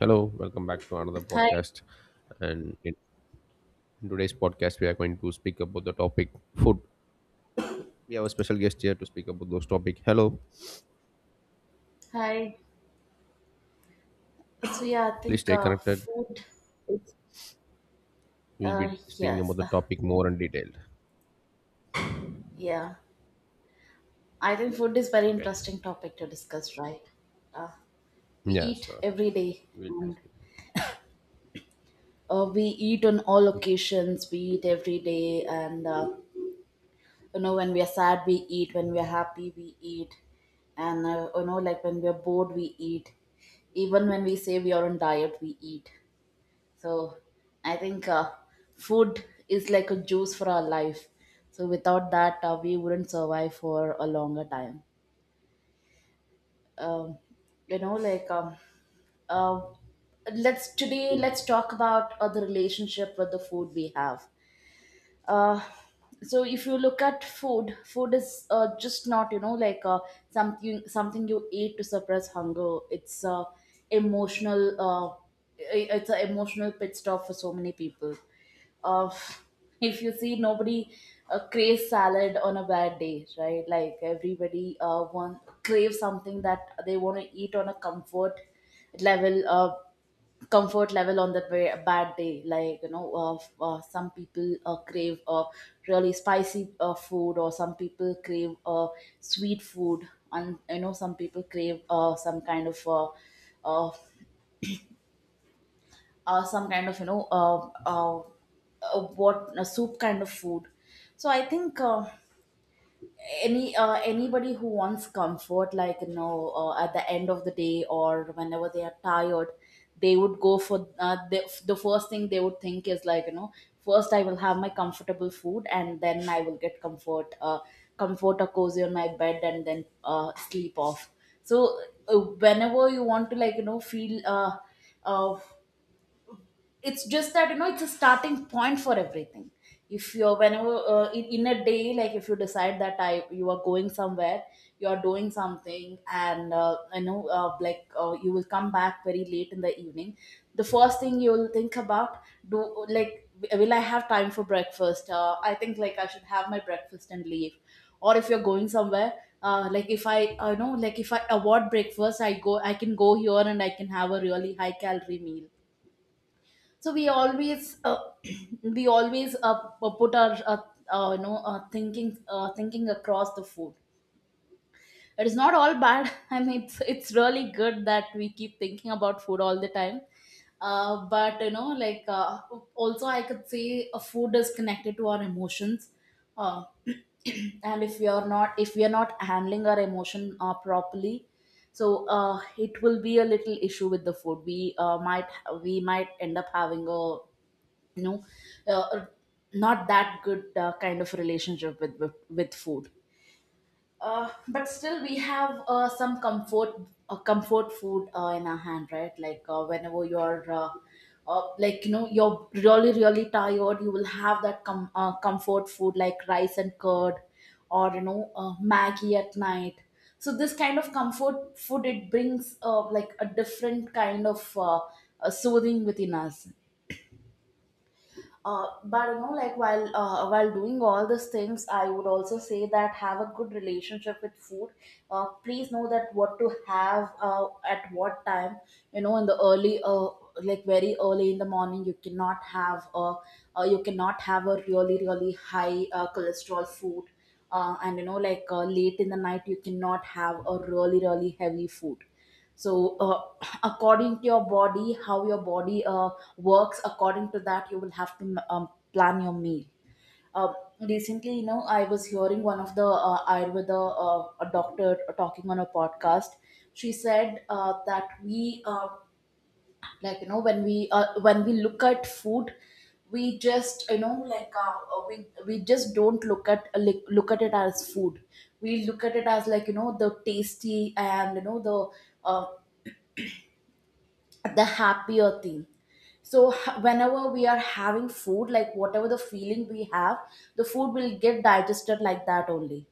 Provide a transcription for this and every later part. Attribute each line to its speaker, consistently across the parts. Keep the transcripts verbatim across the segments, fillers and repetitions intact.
Speaker 1: Hello, welcome back to another
Speaker 2: Hi,
Speaker 1: podcast. And in in today's podcast, we are going to speak about the topic food. We have a special guest here to speak about those topic. Hello,
Speaker 2: hi. So yeah, I
Speaker 1: please
Speaker 2: think
Speaker 1: stay
Speaker 2: uh,
Speaker 1: connected.
Speaker 2: food.
Speaker 1: We'll be
Speaker 2: Uh,
Speaker 1: speaking about
Speaker 2: yes,
Speaker 1: the
Speaker 2: uh,
Speaker 1: topic more in detail.
Speaker 2: yeah. I think food is very
Speaker 1: Okay.
Speaker 2: interesting topic to discuss, right? Uh, we
Speaker 1: Yeah,
Speaker 2: eat
Speaker 1: sure.
Speaker 2: every day,
Speaker 1: We'll be
Speaker 2: and
Speaker 1: discussing.
Speaker 2: uh, we eat on all occasions. We eat every day, and uh, you know when we are sad, we eat. When we are happy, we eat, and uh, you know like when we are bored, we eat. Even when we say we are on diet, we eat. So I think uh, food is like a juice for our life. So without that, uh, we wouldn't survive for a longer time. Um, you know, like um, uh, let's today let's talk about uh, the relationship with the food we have. uh, so if you look at food food is uh, just not you know like uh, something something you eat to suppress hunger. It's uh, emotional uh, i- it's an emotional pit stop for so many people. uh, if you see nobody uh, craves salad on a bad day, right? Like everybody uh, want, crave something that they want to eat on a comfort level uh, comfort level on that very bad day. Like you know uh, f- uh, some people uh, crave uh, really spicy uh, food, or some people crave uh, sweet food, and you know some people crave uh, some kind of uh, uh, uh, some kind of you know uh, uh, uh, what a soup kind of food. So I think uh, any uh, anybody who wants comfort, like you know uh, at the end of the day or whenever they are tired, they would go for uh, the, the first thing they would think is like, you know, first I will have my comfortable food and then I will get comfort uh, comfort or cozy on my bed and then uh, sleep off. So uh, whenever you want to like you know feel uh, uh, it's just that you know it's a starting point for everything. If you're whenever uh, in, in a day, like if you decide that I you are going somewhere, you are doing something, and uh, you know uh, like uh, you will come back very late in the evening, the first thing you will think about, do like, will I have time for breakfast? uh, I think like I should have my breakfast and leave. Or if you're going somewhere uh, like if i I know, like if I avoid breakfast I go I can go here and I can have a really high calorie meal. So we always uh, we always uh, uh, put our uh, uh, you know uh, thinking uh, thinking across the food. It is not all bad. I mean it's, it's really good that we keep thinking about food all the time. Uh, but you know like uh, also I could say a food is connected to our emotions. uh, and if we are not if we are not handling our emotion uh, properly, so uh, it will be a little issue with the food. We uh, might we might end up having a you know uh, not that good uh, kind of relationship with with, with food. Uh, but still we have uh, some comfort uh, comfort food uh, in our hand, right? Like uh, whenever you're uh, uh, like you know you're really really tired, you will have that com- uh, comfort food like rice and curd, or you know uh, maggie at night. So this kind of comfort food, it brings uh, like a different kind of uh, uh, soothing within us. Uh, but you know like while uh, while doing all these things, I would also say that have a good relationship with food. Uh, please know that what to have uh, at what time. You know in the early uh, like very early in the morning, you cannot have a uh, you cannot have a really really high uh, cholesterol food, uh, and you know like uh, late in the night you cannot have a really really heavy food. So uh, according to your body, how your body uh, works, according to that you will have to um, plan your meal. uh, Recently, you know, I was hearing one of the uh, ayurveda uh, a doctor talking on a podcast. She said uh, that we uh, like you know when we uh, when we look at food, we just you know like uh, we we just don't look at like, look at it as food, we look at it as like you know the tasty and you know the uh, the happier thing. So h- whenever we are having food, like whatever the feeling we have, the food will get digested like that only.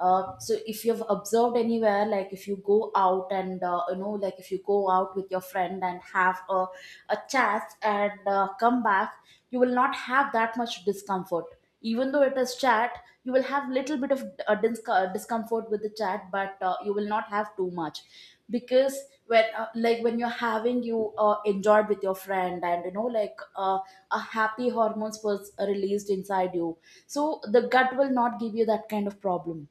Speaker 2: uh, So if you've observed anywhere, like if you go out and uh, you know like if you go out with your friend and have a, a chat and uh, come back, you will not have that much discomfort. Even though it is chat, you will have little bit of uh, dis- uh, discomfort with the chat, but uh, you will not have too much. Because when uh, like when you're having you uh, enjoyed with your friend, and you know like uh, a happy hormones was released inside you, so the gut will not give you that kind of problem.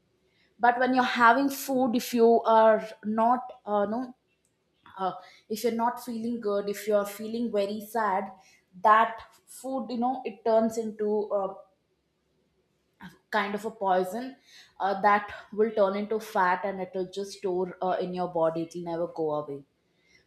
Speaker 2: But when you're having food, if you are not uh, no uh, if you're not feeling good, if you're feeling very sad, that food, you know, it turns into a kind of a poison uh, that will turn into fat and it will just store uh, in your body, it will never go away.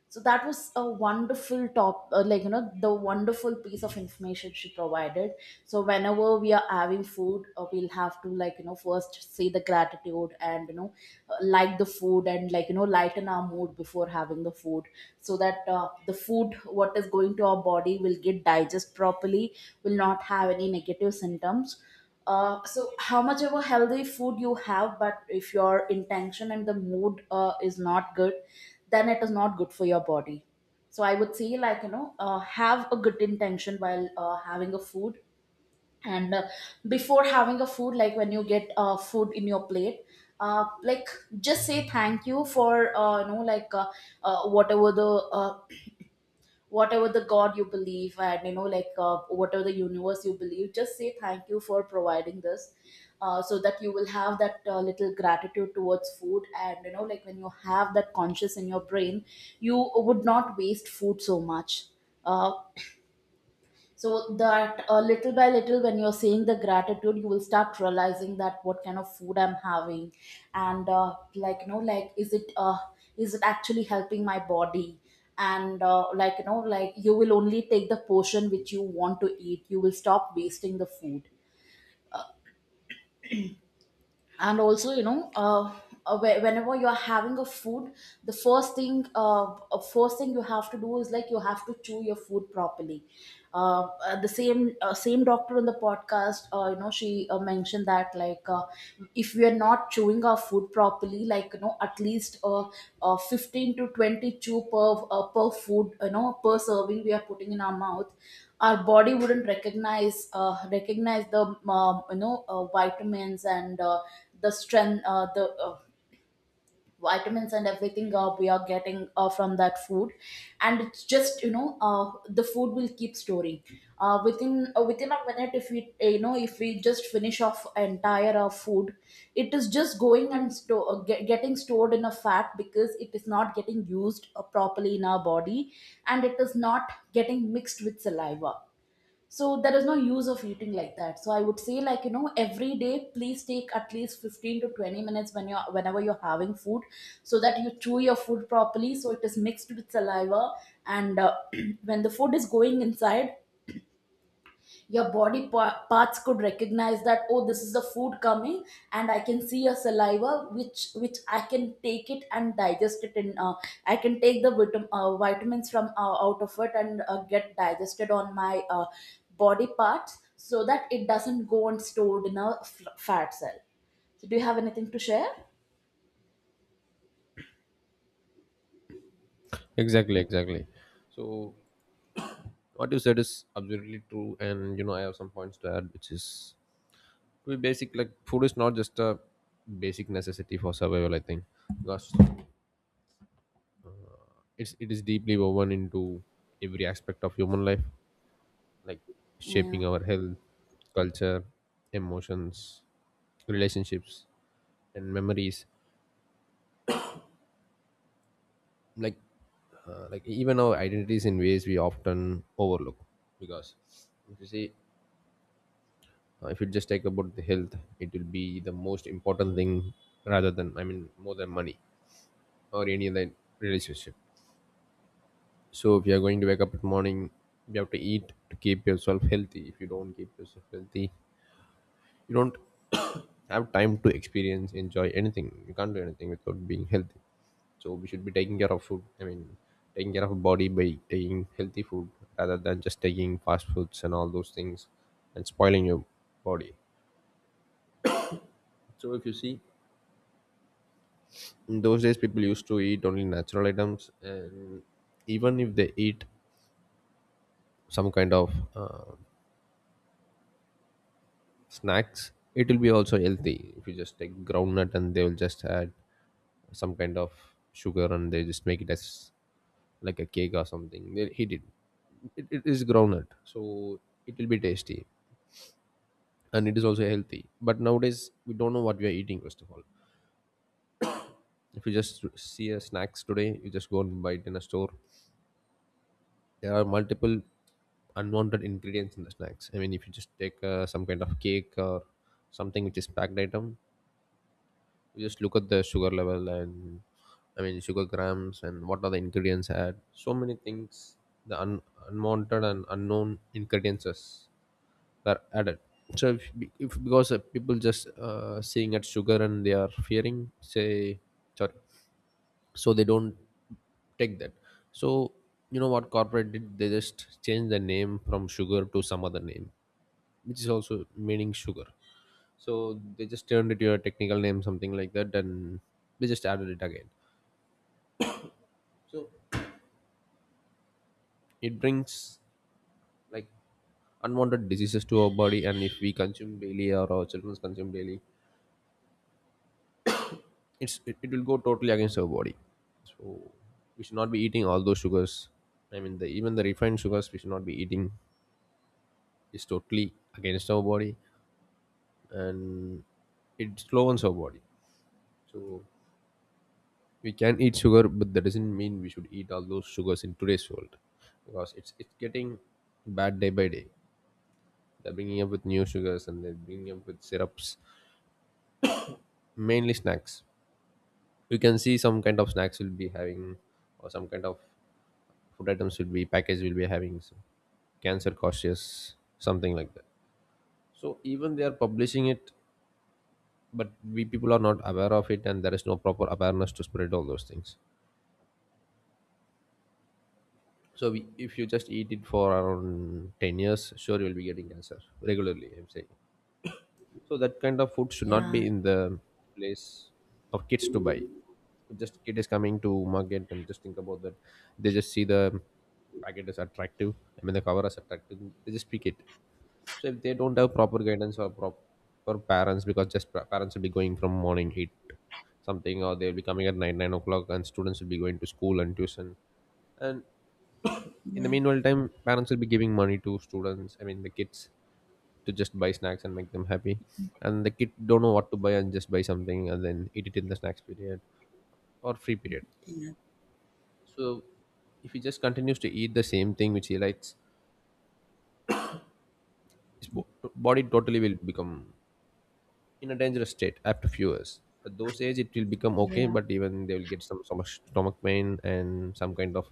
Speaker 2: So that was a wonderful top uh, like you know the wonderful piece of information she provided. So whenever we are having food, uh, we'll have to like you know first say the gratitude, and you know uh, like the food, and like you know lighten our mood before having the food, so that uh, the food what is going to our body will get digest properly, will not have any negative symptoms. Uh, so how much ever healthy food you have, but if your intention and the mood uh, is not good, then it is not good for your body. So I would say like you know uh, have a good intention while uh, having a food. And uh, before having a food, like when you get uh, food in your plate, uh, like just say thank you for uh, you know like uh, uh, whatever the uh, whatever the god you believe, and you know like uh, whatever the universe you believe, just say thank you for providing this. Uh, so that you will have that uh, little gratitude towards food, and you know like when you have that conscious in your brain, you would not waste food so much. Uh, so that uh, little by little when you're saying the gratitude, you will start realizing that what kind of food I'm having, and uh, like you know like is it uh, is it actually helping my body. And uh, like you know like you will only take the portion which you want to eat, you will stop wasting the food. And also you know uh, uh, whe- whenever you are having a food, the first thing uh, uh, first thing you have to do is like you have to chew your food properly. Uh, uh, the same uh, same doctor in the podcast, uh, you know, she uh, mentioned that like uh, if we are not chewing our food properly, like you know at least uh, uh, fifteen to twenty chew per uh, per food, you know per serving we are putting in our mouth, our body wouldn't recognize uh, recognize the um, you know uh, vitamins and uh, the strength uh, the uh, vitamins and everything uh, we are getting uh, from that food. And it's just you know uh, the food will keep storing uh, within uh, within a minute if we uh, you know if we just finish off entire uh, food, it is just going and sto- uh, ge- getting stored in a fat because it is not getting used uh, properly in our body, and it is not getting mixed with saliva. So there is no use of eating like that. So I would say like you know every day please take at least fifteen to twenty minutes when you're whenever you're having food, so that you chew your food properly so it is mixed with saliva. And uh, when the food is going inside, your body pa- parts could recognize that oh this is the food coming, and I can see your saliva which which I can take it and digest it in uh, I can take the vitam- uh, vitamins from uh, out of it and uh, get digested on my uh, body parts, so that it doesn't go and stored in a f- fat cell. So do you have anything to share?
Speaker 1: Exactly, exactly. So what you said is absolutely true, and you know I have some points to add, which is to be basic. Like food is not just a basic necessity for survival. I think because it's it is deeply woven into every aspect of human life, like shaping
Speaker 2: Yeah,
Speaker 1: our health, culture, emotions, relationships, and memories, like uh, like even our identities in ways we often overlook. Because if you see, uh, if you just take about the health, it will be the most important thing, rather than, I mean, more than money or any other relationship. So if you are going to wake up in the morning, you have to eat to keep yourself healthy. If you don't keep yourself healthy, you don't have time to experience, enjoy anything. You can't do anything without being healthy. So we should be taking care of food, I mean, taking care of our body by taking healthy food, rather than just taking fast foods and all those things and spoiling your body. So if you see, in those days people used to eat only natural items, and even if they eat some kind of uh, snacks, it will be also healthy. If you just take groundnut and they will just add some kind of sugar, and they just make it as like a cake or something. Well, he did, it, it is groundnut, so it will be tasty and it is also healthy. But nowadays we don't know what we are eating. First of all, if you just see a snacks today, you just go and buy it in a store. There are multiple unwanted ingredients in the snacks. I mean, if you just take uh, some kind of cake or something which is packed item, you just look at the sugar level and, I mean, sugar grams, and what are the ingredients had. So many things, the un- unwanted and unknown ingredients were added. So if, if because uh, people just, uh, seeing at sugar and they are fearing, say sorry, so they don't take that. So you know what corporate did? They just changed the name from sugar to some other name, which is also meaning sugar. So they just turned it to a technical name, something like that, and they just added it again. So it brings like unwanted diseases to our body, and if we consume daily or our children consume daily, it's it, it will go totally against our body. So we should not be eating all those sugars. I mean, the even the refined sugars we should not be eating, is totally against our body and it slows our body. So we can eat sugar, but that doesn't mean we should eat all those sugars in today's world, because it's it's getting bad day by day. They're bringing up with new sugars and they're bringing up with syrups, mainly snacks. You can see some kind of snacks will be having, or some kind of food items will be package will be having some cancer cautious, something like that. So even they are publishing it, but we people are not aware of it, and there is no proper awareness to spread all those things. So we, if you just eat it for around ten years, sure you'll be getting cancer regularly, I'm saying. So that kind of food should not
Speaker 2: yeah,
Speaker 1: be in the place of kids to buy. Just kid is coming to market and just think about that. They just see the packet as attractive, I mean the cover as attractive, they just pick it. So if they don't have proper guidance or proper parents, because just pa- parents will be going from morning eight something, or they'll be coming at nine nine o'clock, and students will be going to school and tuition. And in the
Speaker 2: yeah,
Speaker 1: meanwhile time, parents will be giving money to students, I mean the kids, to just buy snacks and make them happy, and the kid don't know what to buy and just buy something and then eat it in the snacks period or free period.
Speaker 2: yeah,
Speaker 1: So if he just continues to eat the same thing which he likes, his bo- body totally will become in a dangerous state after few years. At those age, it will become okay,
Speaker 2: yeah,
Speaker 1: but even they will get some, some, stomach pain and some kind of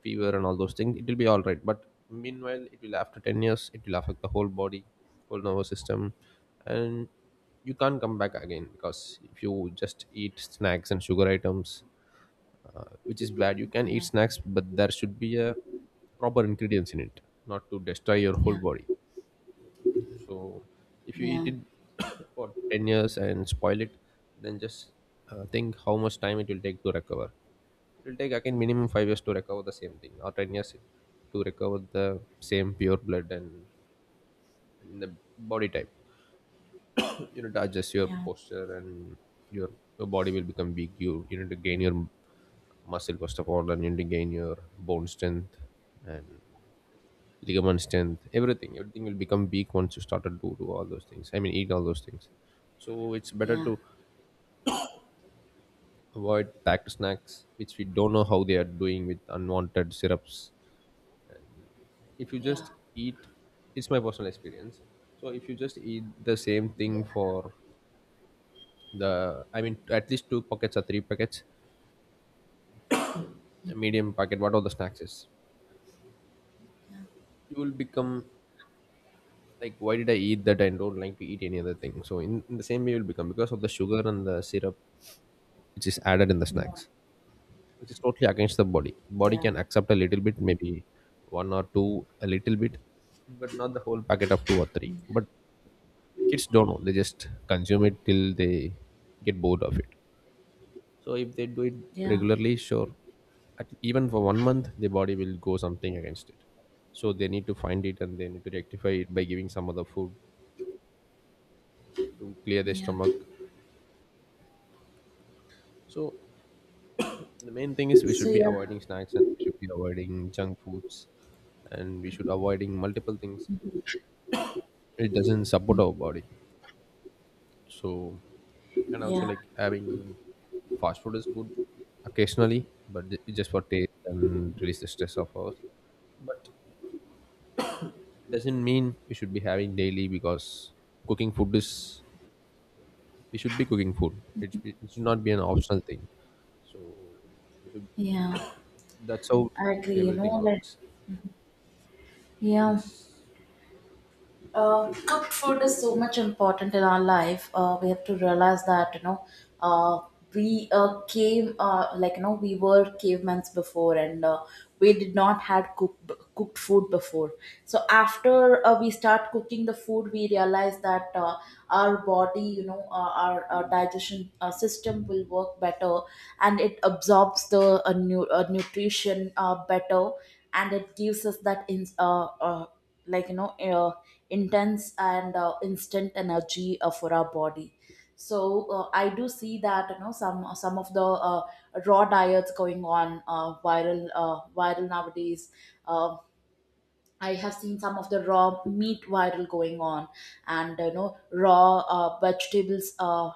Speaker 1: fever and all those things. It will be all right, but meanwhile, it will after ten years, it will affect the whole body, whole nervous system, and you can't come back again. Because if you just eat snacks and sugar items, uh, which is bad, you can eat
Speaker 2: yeah,
Speaker 1: snacks, but there should be a proper ingredients in it, not to destroy your whole
Speaker 2: yeah,
Speaker 1: body.
Speaker 2: yeah,
Speaker 1: So if you eat
Speaker 2: yeah,
Speaker 1: it for ten years and spoil it, then just uh, think how much time it will take to recover. It will take again minimum five years to recover the same thing, or ten years to recover the same pure blood and the body type. You need to adjust your
Speaker 2: yeah,
Speaker 1: posture and your, your body will become weak. You, you need to gain your muscle first of all, and you need to gain your bone strength and ligament strength, everything. Everything will become weak once you started to do all those things, I mean, eat all those things. So it's better
Speaker 2: yeah,
Speaker 1: to avoid packed snacks, which we don't know how they are doing with unwanted syrups. If you just eat, it's my personal experience. So if you just eat the same thing
Speaker 2: yeah,
Speaker 1: for the, I mean, at least two packets or three packets, a medium packet, what all the snacks is, you will become like, why did I eat that? I don't like to eat any other thing. So in, in the same way, you'll become, because of the sugar and the syrup which is added in the
Speaker 2: yeah,
Speaker 1: snacks, which is totally against the body. Body
Speaker 2: yeah,
Speaker 1: can accept a little bit, maybe one or two, a little bit, but not the whole packet of two or three. But kids don't know, they just consume it till they get bored of it. So if they do it
Speaker 2: yeah,
Speaker 1: regularly, sure, at, even for one month, the body will go something against it. So they need to find it and they need to rectify it by giving some other food to clear their
Speaker 2: yeah.
Speaker 1: stomach. So the main thing is, we
Speaker 2: So
Speaker 1: should be
Speaker 2: yeah,
Speaker 1: avoiding snacks, and we should be avoiding junk foods, and we should avoiding multiple things. It doesn't support our body. So, and also
Speaker 2: yeah,
Speaker 1: like having fast food is good occasionally, but ju- just for taste and release the stress of us, but doesn't mean we should be having daily. Because cooking food is, we should be cooking food, it, it should not be an optional thing. So we should,
Speaker 2: yeah.
Speaker 1: that's how
Speaker 2: I agree. You
Speaker 1: everything
Speaker 2: know that.
Speaker 1: works.
Speaker 2: Yeah.
Speaker 1: It's
Speaker 2: Uh, cooked food is so much important in our life. Uh, we have to realize that, you know, uh, we uh, came, uh, like you know, we were cavemen before, and uh, we did not had cooked cooked food before. So after uh, we start cooking the food, we realize that uh, our body, you know, uh, our uh, digestion uh, system will work better, and it absorbs the uh, nu- uh, nutrition uh, better, and it gives us that in uh, uh, like you know, uh, intense and uh, instant energy uh, for our body. So uh, I do see that you know, some some of the uh, raw diets going on, uh, viral uh, viral nowadays. uh, I have seen some of the raw meat viral going on, and you know, raw uh, vegetables uh,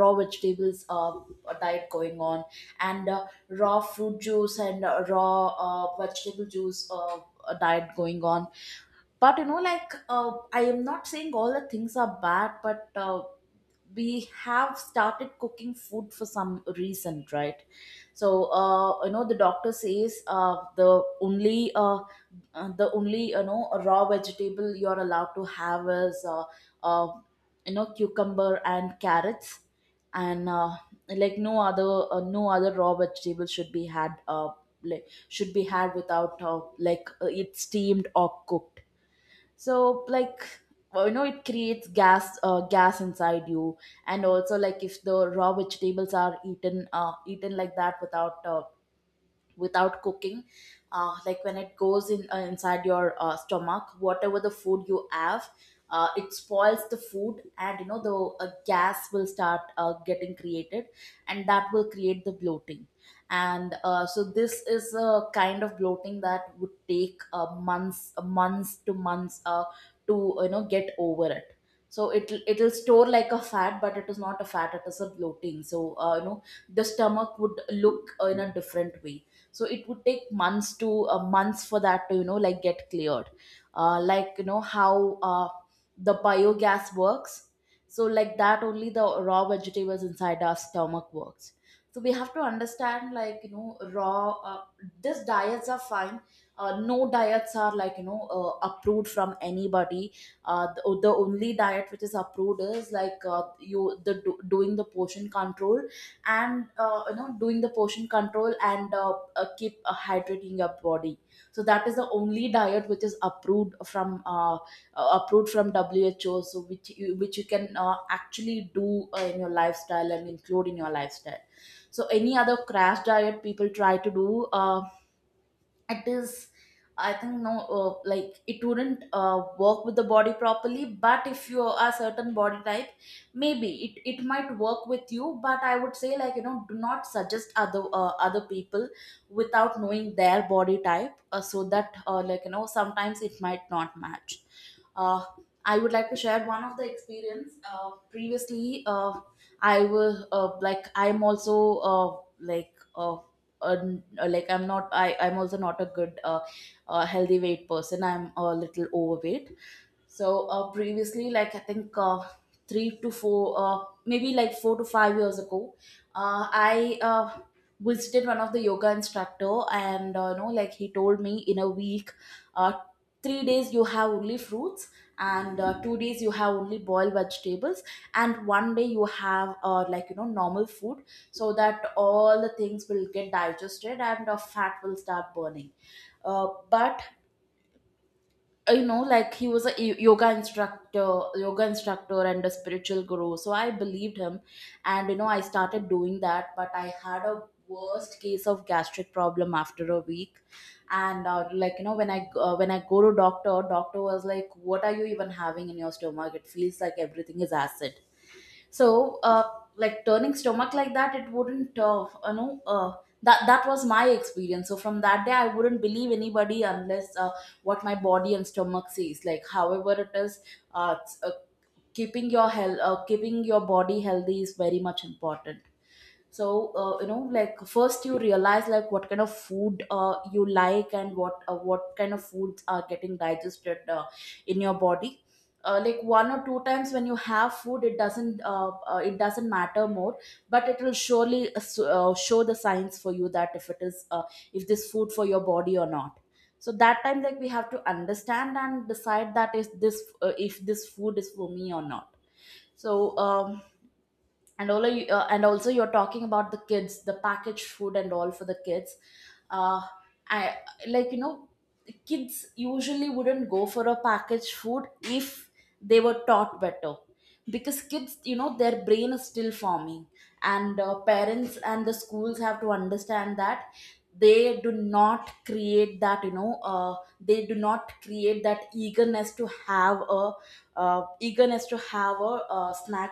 Speaker 2: raw vegetables uh, diet going on, and uh, raw fruit juice and uh, raw uh, vegetable juice uh, diet going on. But you know, like, uh, I am not saying all the things are bad, but uh, we have started cooking food for some reason, right? So uh, you know, the doctor says, uh, the only uh, uh, the only, you know, raw vegetable you're allowed to have is uh, uh, you know, cucumber and carrots, and uh, like no other uh, no other raw vegetable should be had, uh, like should be had without uh, like uh, it steamed or cooked. So, like, well, you know, it creates gas uh, gas inside you, and also, like, if the raw vegetables are eaten uh, eaten like that, without uh, without cooking, uh, like when it goes in, uh, inside your uh, stomach, whatever the food you have, uh, it spoils the food, and you know, the uh, gas will start uh, getting created, and that will create the bloating. And uh, so this is a kind of bloating that would take, uh, months months to months, uh, to, you know, get over it. So it it'll it'll store like a fat, but it is not a fat, it is a bloating. So uh, you know, the stomach would look, uh, in a different way. So it would take months to, uh, months, for that to, you know, like, get cleared, uh, like you know how uh, the biogas works. So like that only, the raw vegetables inside our stomach works. So we have to understand, like, you know, raw uh, these diets are fine. uh, no diets are, like, you know, uh, approved from anybody. uh, the, the only diet which is approved is like, uh, you, the do, doing the portion control, and uh, you know, doing the portion control, and uh, uh, keep uh, hydrating your body. So that is the only diet which is approved from uh, uh, approved from who? So which you which you can uh, actually do uh, in your lifestyle, and include in your lifestyle. So any other crash diet people try to do, um it is, I think, no. uh, like it wouldn't uh, work with the body properly, but if you are certain body type, maybe it, it might work with you, but I would say, like, you know, do not suggest other, uh, other people without knowing their body type. uh, so that, uh, like you know, sometimes it might not match. uh, I would like to share one of the experience. Uh, previously, uh, I was, uh, like I'm also, uh, like uh, uh, like i'm not i I'm also not a good, uh, uh, healthy weight person, I'm a little overweight. So uh, previously, like I think, uh, three to four, uh, maybe like four to five years ago, uh, I uh, visited one of the yoga instructor, and uh, you know, like he told me, in a week, uh, three days you have only fruits, and uh, two days you have only boiled vegetables, and one day you have uh, like you know, normal food, so that all the things will get digested and uh, fat will start burning. Uh, but uh, you know, like he was a y- yoga instructor yoga instructor and a spiritual guru, so I believed him, and you know, I started doing that, but I had a worst case of gastric problem after a week. And uh, like you know, when i uh, when I go to doctor doctor was like, what are you even having in your stomach, it feels like everything is acid. So uh, like turning stomach like that, it wouldn't, uh, you know, uh, that that was my experience. So from that day, I wouldn't believe anybody, unless uh, what my body and stomach says, like however it is. Uh, it's, uh, keeping your health uh, keeping your body healthy is very much important. So uh, you know, like first you realize, like, what kind of food uh, you like, and what uh, what kind of foods are getting digested uh, in your body. uh, like one or two times when you have food, it doesn't, uh, uh, it doesn't matter more, but it will surely, uh, s- uh, show the signs for you that if it is, uh, if this food for your body or not. So that time, like, we have to understand and decide that is this, uh, if this food is for me or not. So um, and all you, uh, and also, you're talking about the kids, the packaged food and all for the kids. uh I, like you know, kids usually wouldn't go for a packaged food if they were taught better, because kids, you know, their brain is still forming, and uh, parents and the schools have to understand that they do not create that, you know, uh, they do not create that eagerness to have a, uh, eagerness to have a uh, snack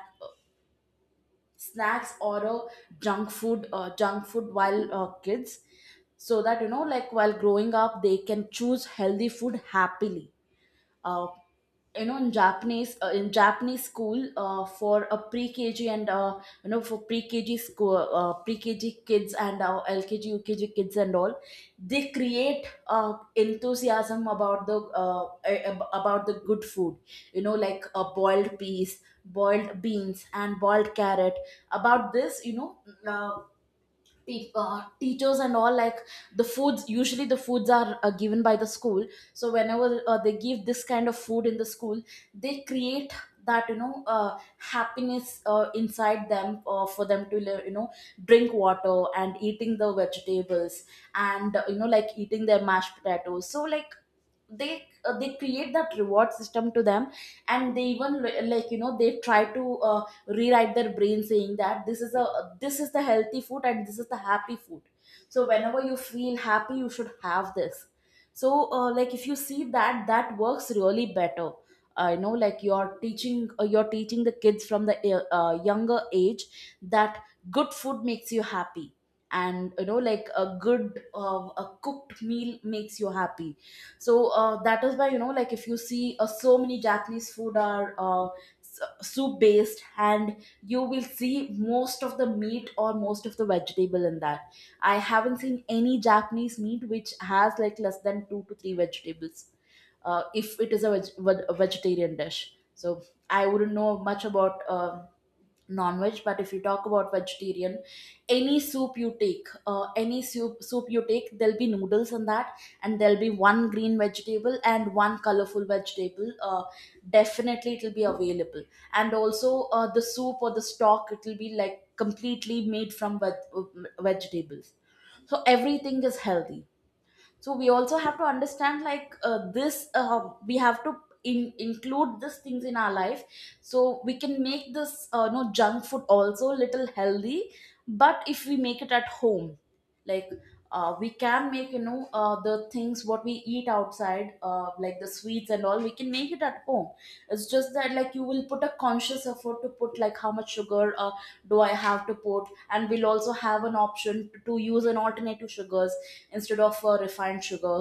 Speaker 2: snacks or a junk food uh, junk food while uh, kids, so that, you know, like while growing up they can choose healthy food happily. uh, you know, in japanese uh, in Japanese school, uh, for a pre-kg, and uh, you know, for pre-kg school, uh, pre-kg kids, and uh, lkg ukg kids and all, they create uh, enthusiasm about the, uh, a- ab- about the good food, you know, like a boiled peas, boiled beans and boiled carrot, about this, you know, uh, pe- uh, teachers and all, like, the foods usually the foods are uh, given by the school, so whenever uh, they give this kind of food in the school, they create that, you know, uh, happiness uh, inside them, uh, for them to, you know, drink water and eating the vegetables, and uh, you know, like eating their mashed potatoes. So like, they uh, they create that reward system to them, and they even, li- like you know, they try to uh, rewrite their brain, saying that this is a this is the healthy food and this is the happy food. So whenever you feel happy, you should have this. So uh, like, if you see that, that works really better. I know, like, you're teaching uh, you're teaching the kids from the, uh, uh, younger age, that good food makes you happy, and you know, like a good uh, a cooked meal makes you happy. So uh, that is why, you know, like, if you see, uh, so many Japanese food are, uh, soup based, and you will see most of the meat or most of the vegetable in that. I haven't seen any Japanese meat which has like less than two to three vegetables. uh, if it is a, veg- veg- a vegetarian dish, so I wouldn't know much about, um non-veg, but if you talk about vegetarian, any soup you take uh, any soup soup you take, there'll be noodles in that, and there'll be one green vegetable and one colorful vegetable, uh, definitely it'll be available. And also, uh, the soup or the stock, it'll be like completely made from veg- vegetables. So everything is healthy. So we also have to understand, like, uh, this uh, we have to in, include these things in our life, so we can make this, uh, no junk food, also little healthy. But if we make it at home, like, uh, we can make, you know, uh, the things what we eat outside, uh, like the sweets and all, we can make it at home. It's just that, like, you will put a conscious effort to put, like, how much sugar, uh, do I have to put, and we'll also have an option to use an alternative sugars instead of uh, refined sugar.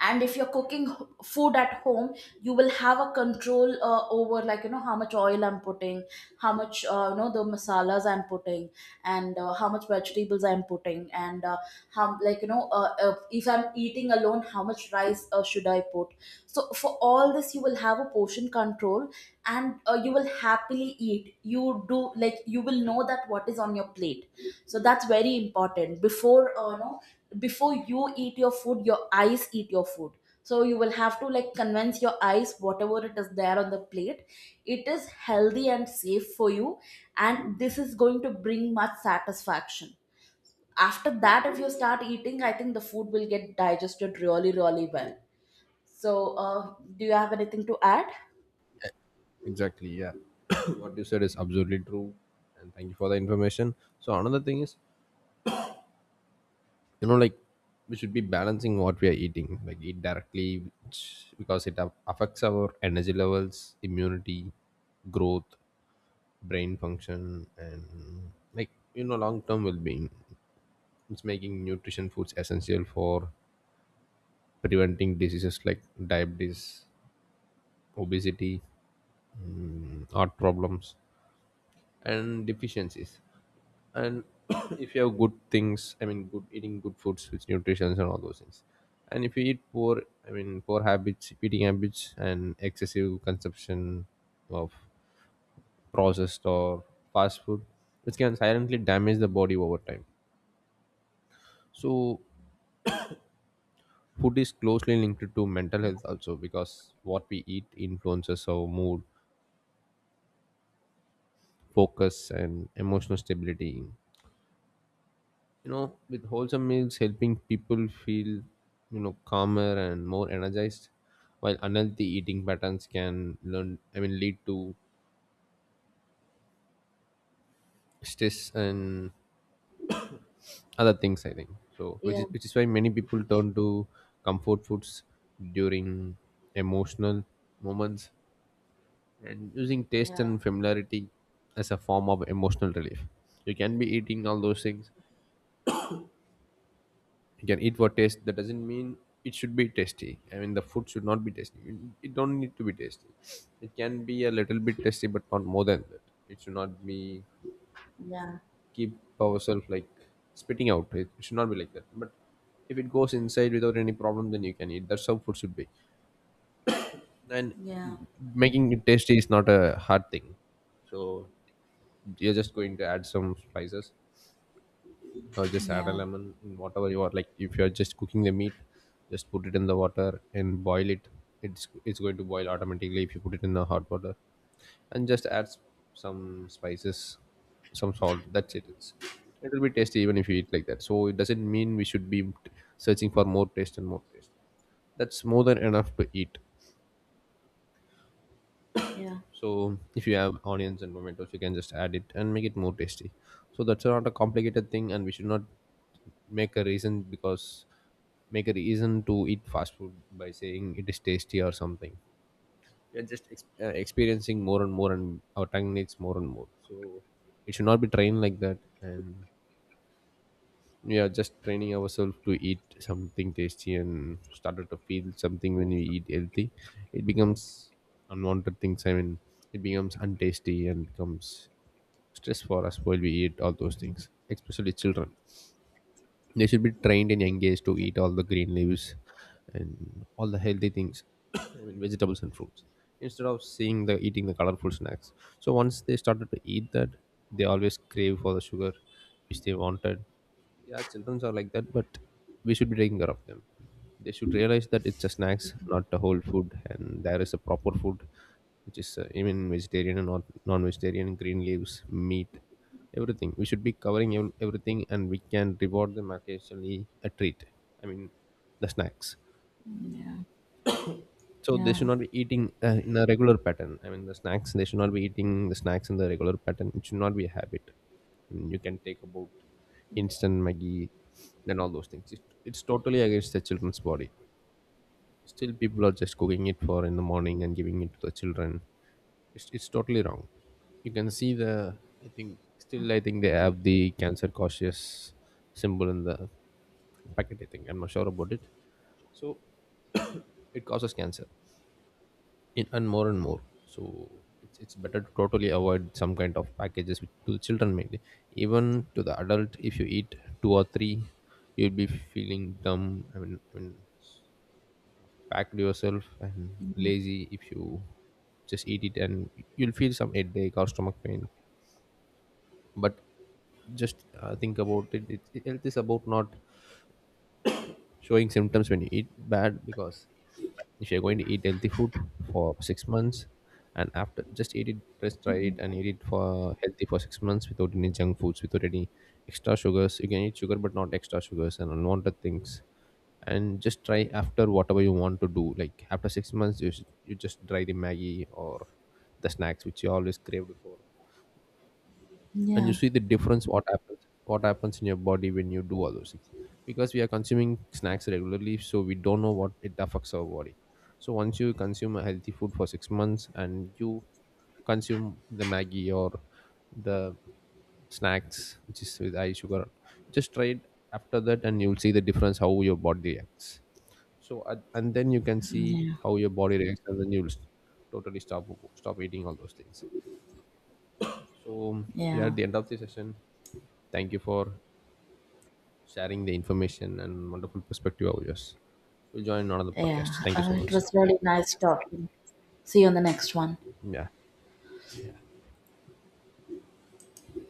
Speaker 2: And if you're cooking h- food at home, you will have a control uh, over, like you know, how much oil I'm putting, how much, uh, you know, the masalas I'm putting, and uh, how much vegetables I'm putting, and uh, how, like you know, uh, uh, if I'm eating alone, how much rice uh, should I put. So for all this you will have a portion control, and uh, you will happily eat, you do, like, you will know that what is on your plate. So that's very important. Before uh, no, before you eat your food, your eyes eat your food. So you will have to, like, convince your eyes, whatever it is there on the plate, it is healthy and safe for you, and this is going to bring much satisfaction. After that if you start eating, I think the food will get digested really, really well. So uh, do you have anything to add?
Speaker 1: exactly, yeah. What you said is absolutely true, and thank you for the information. So another thing is, you know, like, we should be balancing what we are eating, like eat directly, which, because it a- affects our energy levels, immunity, growth, brain function, and like you know long term well-being. It's making nutrition foods essential for preventing diseases like diabetes, obesity, heart problems, and deficiencies. And if you have good things, I mean good eating, good foods with nutrition and all those things, and if you eat poor, I mean poor habits eating habits and excessive consumption of processed or fast food, which can silently damage the body over time. So food is closely linked to mental health also, because what we eat influences our mood, focus, and emotional stability, you know, with wholesome meals helping people feel, you know, calmer and more energized, while unhealthy eating patterns can learn, I mean lead to stress and other things, I think. So which
Speaker 2: Yeah,
Speaker 1: is which is why many people turn to comfort foods during emotional moments, and using taste
Speaker 2: yeah,
Speaker 1: and familiarity as a form of emotional relief. You can be eating all those things, you can eat for taste, that doesn't mean it should be tasty. I mean, the food should not be tasty, it, it don't need to be tasty. It can be a little bit tasty, but not more than that. It should not be
Speaker 2: yeah,
Speaker 1: keep ourselves like spitting out, it, it should not be like that. But if it goes inside without any problem, then you can eat. That's how food should be. And
Speaker 2: yeah,
Speaker 1: making it tasty is not a hard thing. So you're just going to add some spices, or just add a
Speaker 2: yeah,
Speaker 1: lemon in whatever you are, like, if You are just cooking the meat. Just put it in the water and boil it. It's it's going to boil automatically if you put it in the hot water. And just add s- some spices, some salt, that's it it's It will be tasty even if you eat like that. So it doesn't mean we should be searching for more taste and more taste. That's more than enough to eat.
Speaker 2: yeah,
Speaker 1: So if you have onions and tomatoes you can just add it and make it more tasty. So that's not a complicated thing, and we should not make a reason because make a reason to eat fast food by saying it is tasty or something. We are just ex- uh, experiencing more and more, and our tongue needs more and more. So it should not be trained like that. And yeah, just training ourselves to eat something tasty and started to feel something when you eat healthy, it becomes unwanted things i mean It becomes untasty and becomes stress for us while we eat all those things, especially children. They should be trained in young age to
Speaker 2: yeah,
Speaker 1: eat all the green leaves and all the healthy things. I mean, vegetables and fruits, instead of seeing the eating the colorful snacks. So once they started to eat that, they always crave for the sugar which they wanted. Yeah, children are like that, but we should be taking care of them. They should realize that it's a snacks, not a whole food, and there is a proper food, which is uh, even vegetarian and not non-vegetarian, green leaves, meat, everything. We should be covering ev- everything, and we can reward them occasionally a treat. I mean, the snacks.
Speaker 2: yeah,
Speaker 1: So they should
Speaker 2: yeah,
Speaker 1: not be eating uh, in a regular pattern. I mean, the snacks, they should not be eating the snacks in the regular pattern. It should not be a habit. And you can take about instant maggie and all those things. It, it's totally against the children's body. Still people are just cooking it for in the morning and giving it to the children. It's, it's totally wrong. You can see the I think, still I think they have the cancer cautious symbol in the packet, I think. I'm not sure about it. So it causes cancer in, and more and more. So it's, it's better to totally avoid some kind of packages with, to children mainly. Even to the adult, if you eat two or three, you'll be feeling dumb i mean, I mean packed yourself and lazy if you just eat it, and you'll feel some headache or stomach pain. But just uh, think about it. It it- health is about not showing symptoms when you eat bad. Because if you're going to eat healthy food for six months, and after just eat it, just try it and eat it for healthy for six months without any junk foods, without any extra sugars. You can eat sugar but not extra sugars and unwanted things. And just try after whatever you want to do, like after six months, you, should- you just try the maggie or the snacks which you always craved for. And you
Speaker 2: yeah.
Speaker 1: see the difference, what happens what happens in your body when you do all those things. Because we are consuming snacks regularly, so we don't know what it affects our body. So once you consume a healthy food for six months and you consume the maggie or the snacks which is with high sugar, just try it after that and you'll see the difference how your body reacts. So and and then you can see
Speaker 2: Yeah,
Speaker 1: how your body reacts, and then you'll totally stop, stop eating all those things. So we are
Speaker 2: yeah,
Speaker 1: at the end of the session. Thank you for sharing the information and wonderful perspective of yours. We'll join another
Speaker 2: yeah.
Speaker 1: podcast. Thank you so
Speaker 2: Uh, it
Speaker 1: much.
Speaker 2: was really nice talking. See you on the next one.
Speaker 1: Yeah.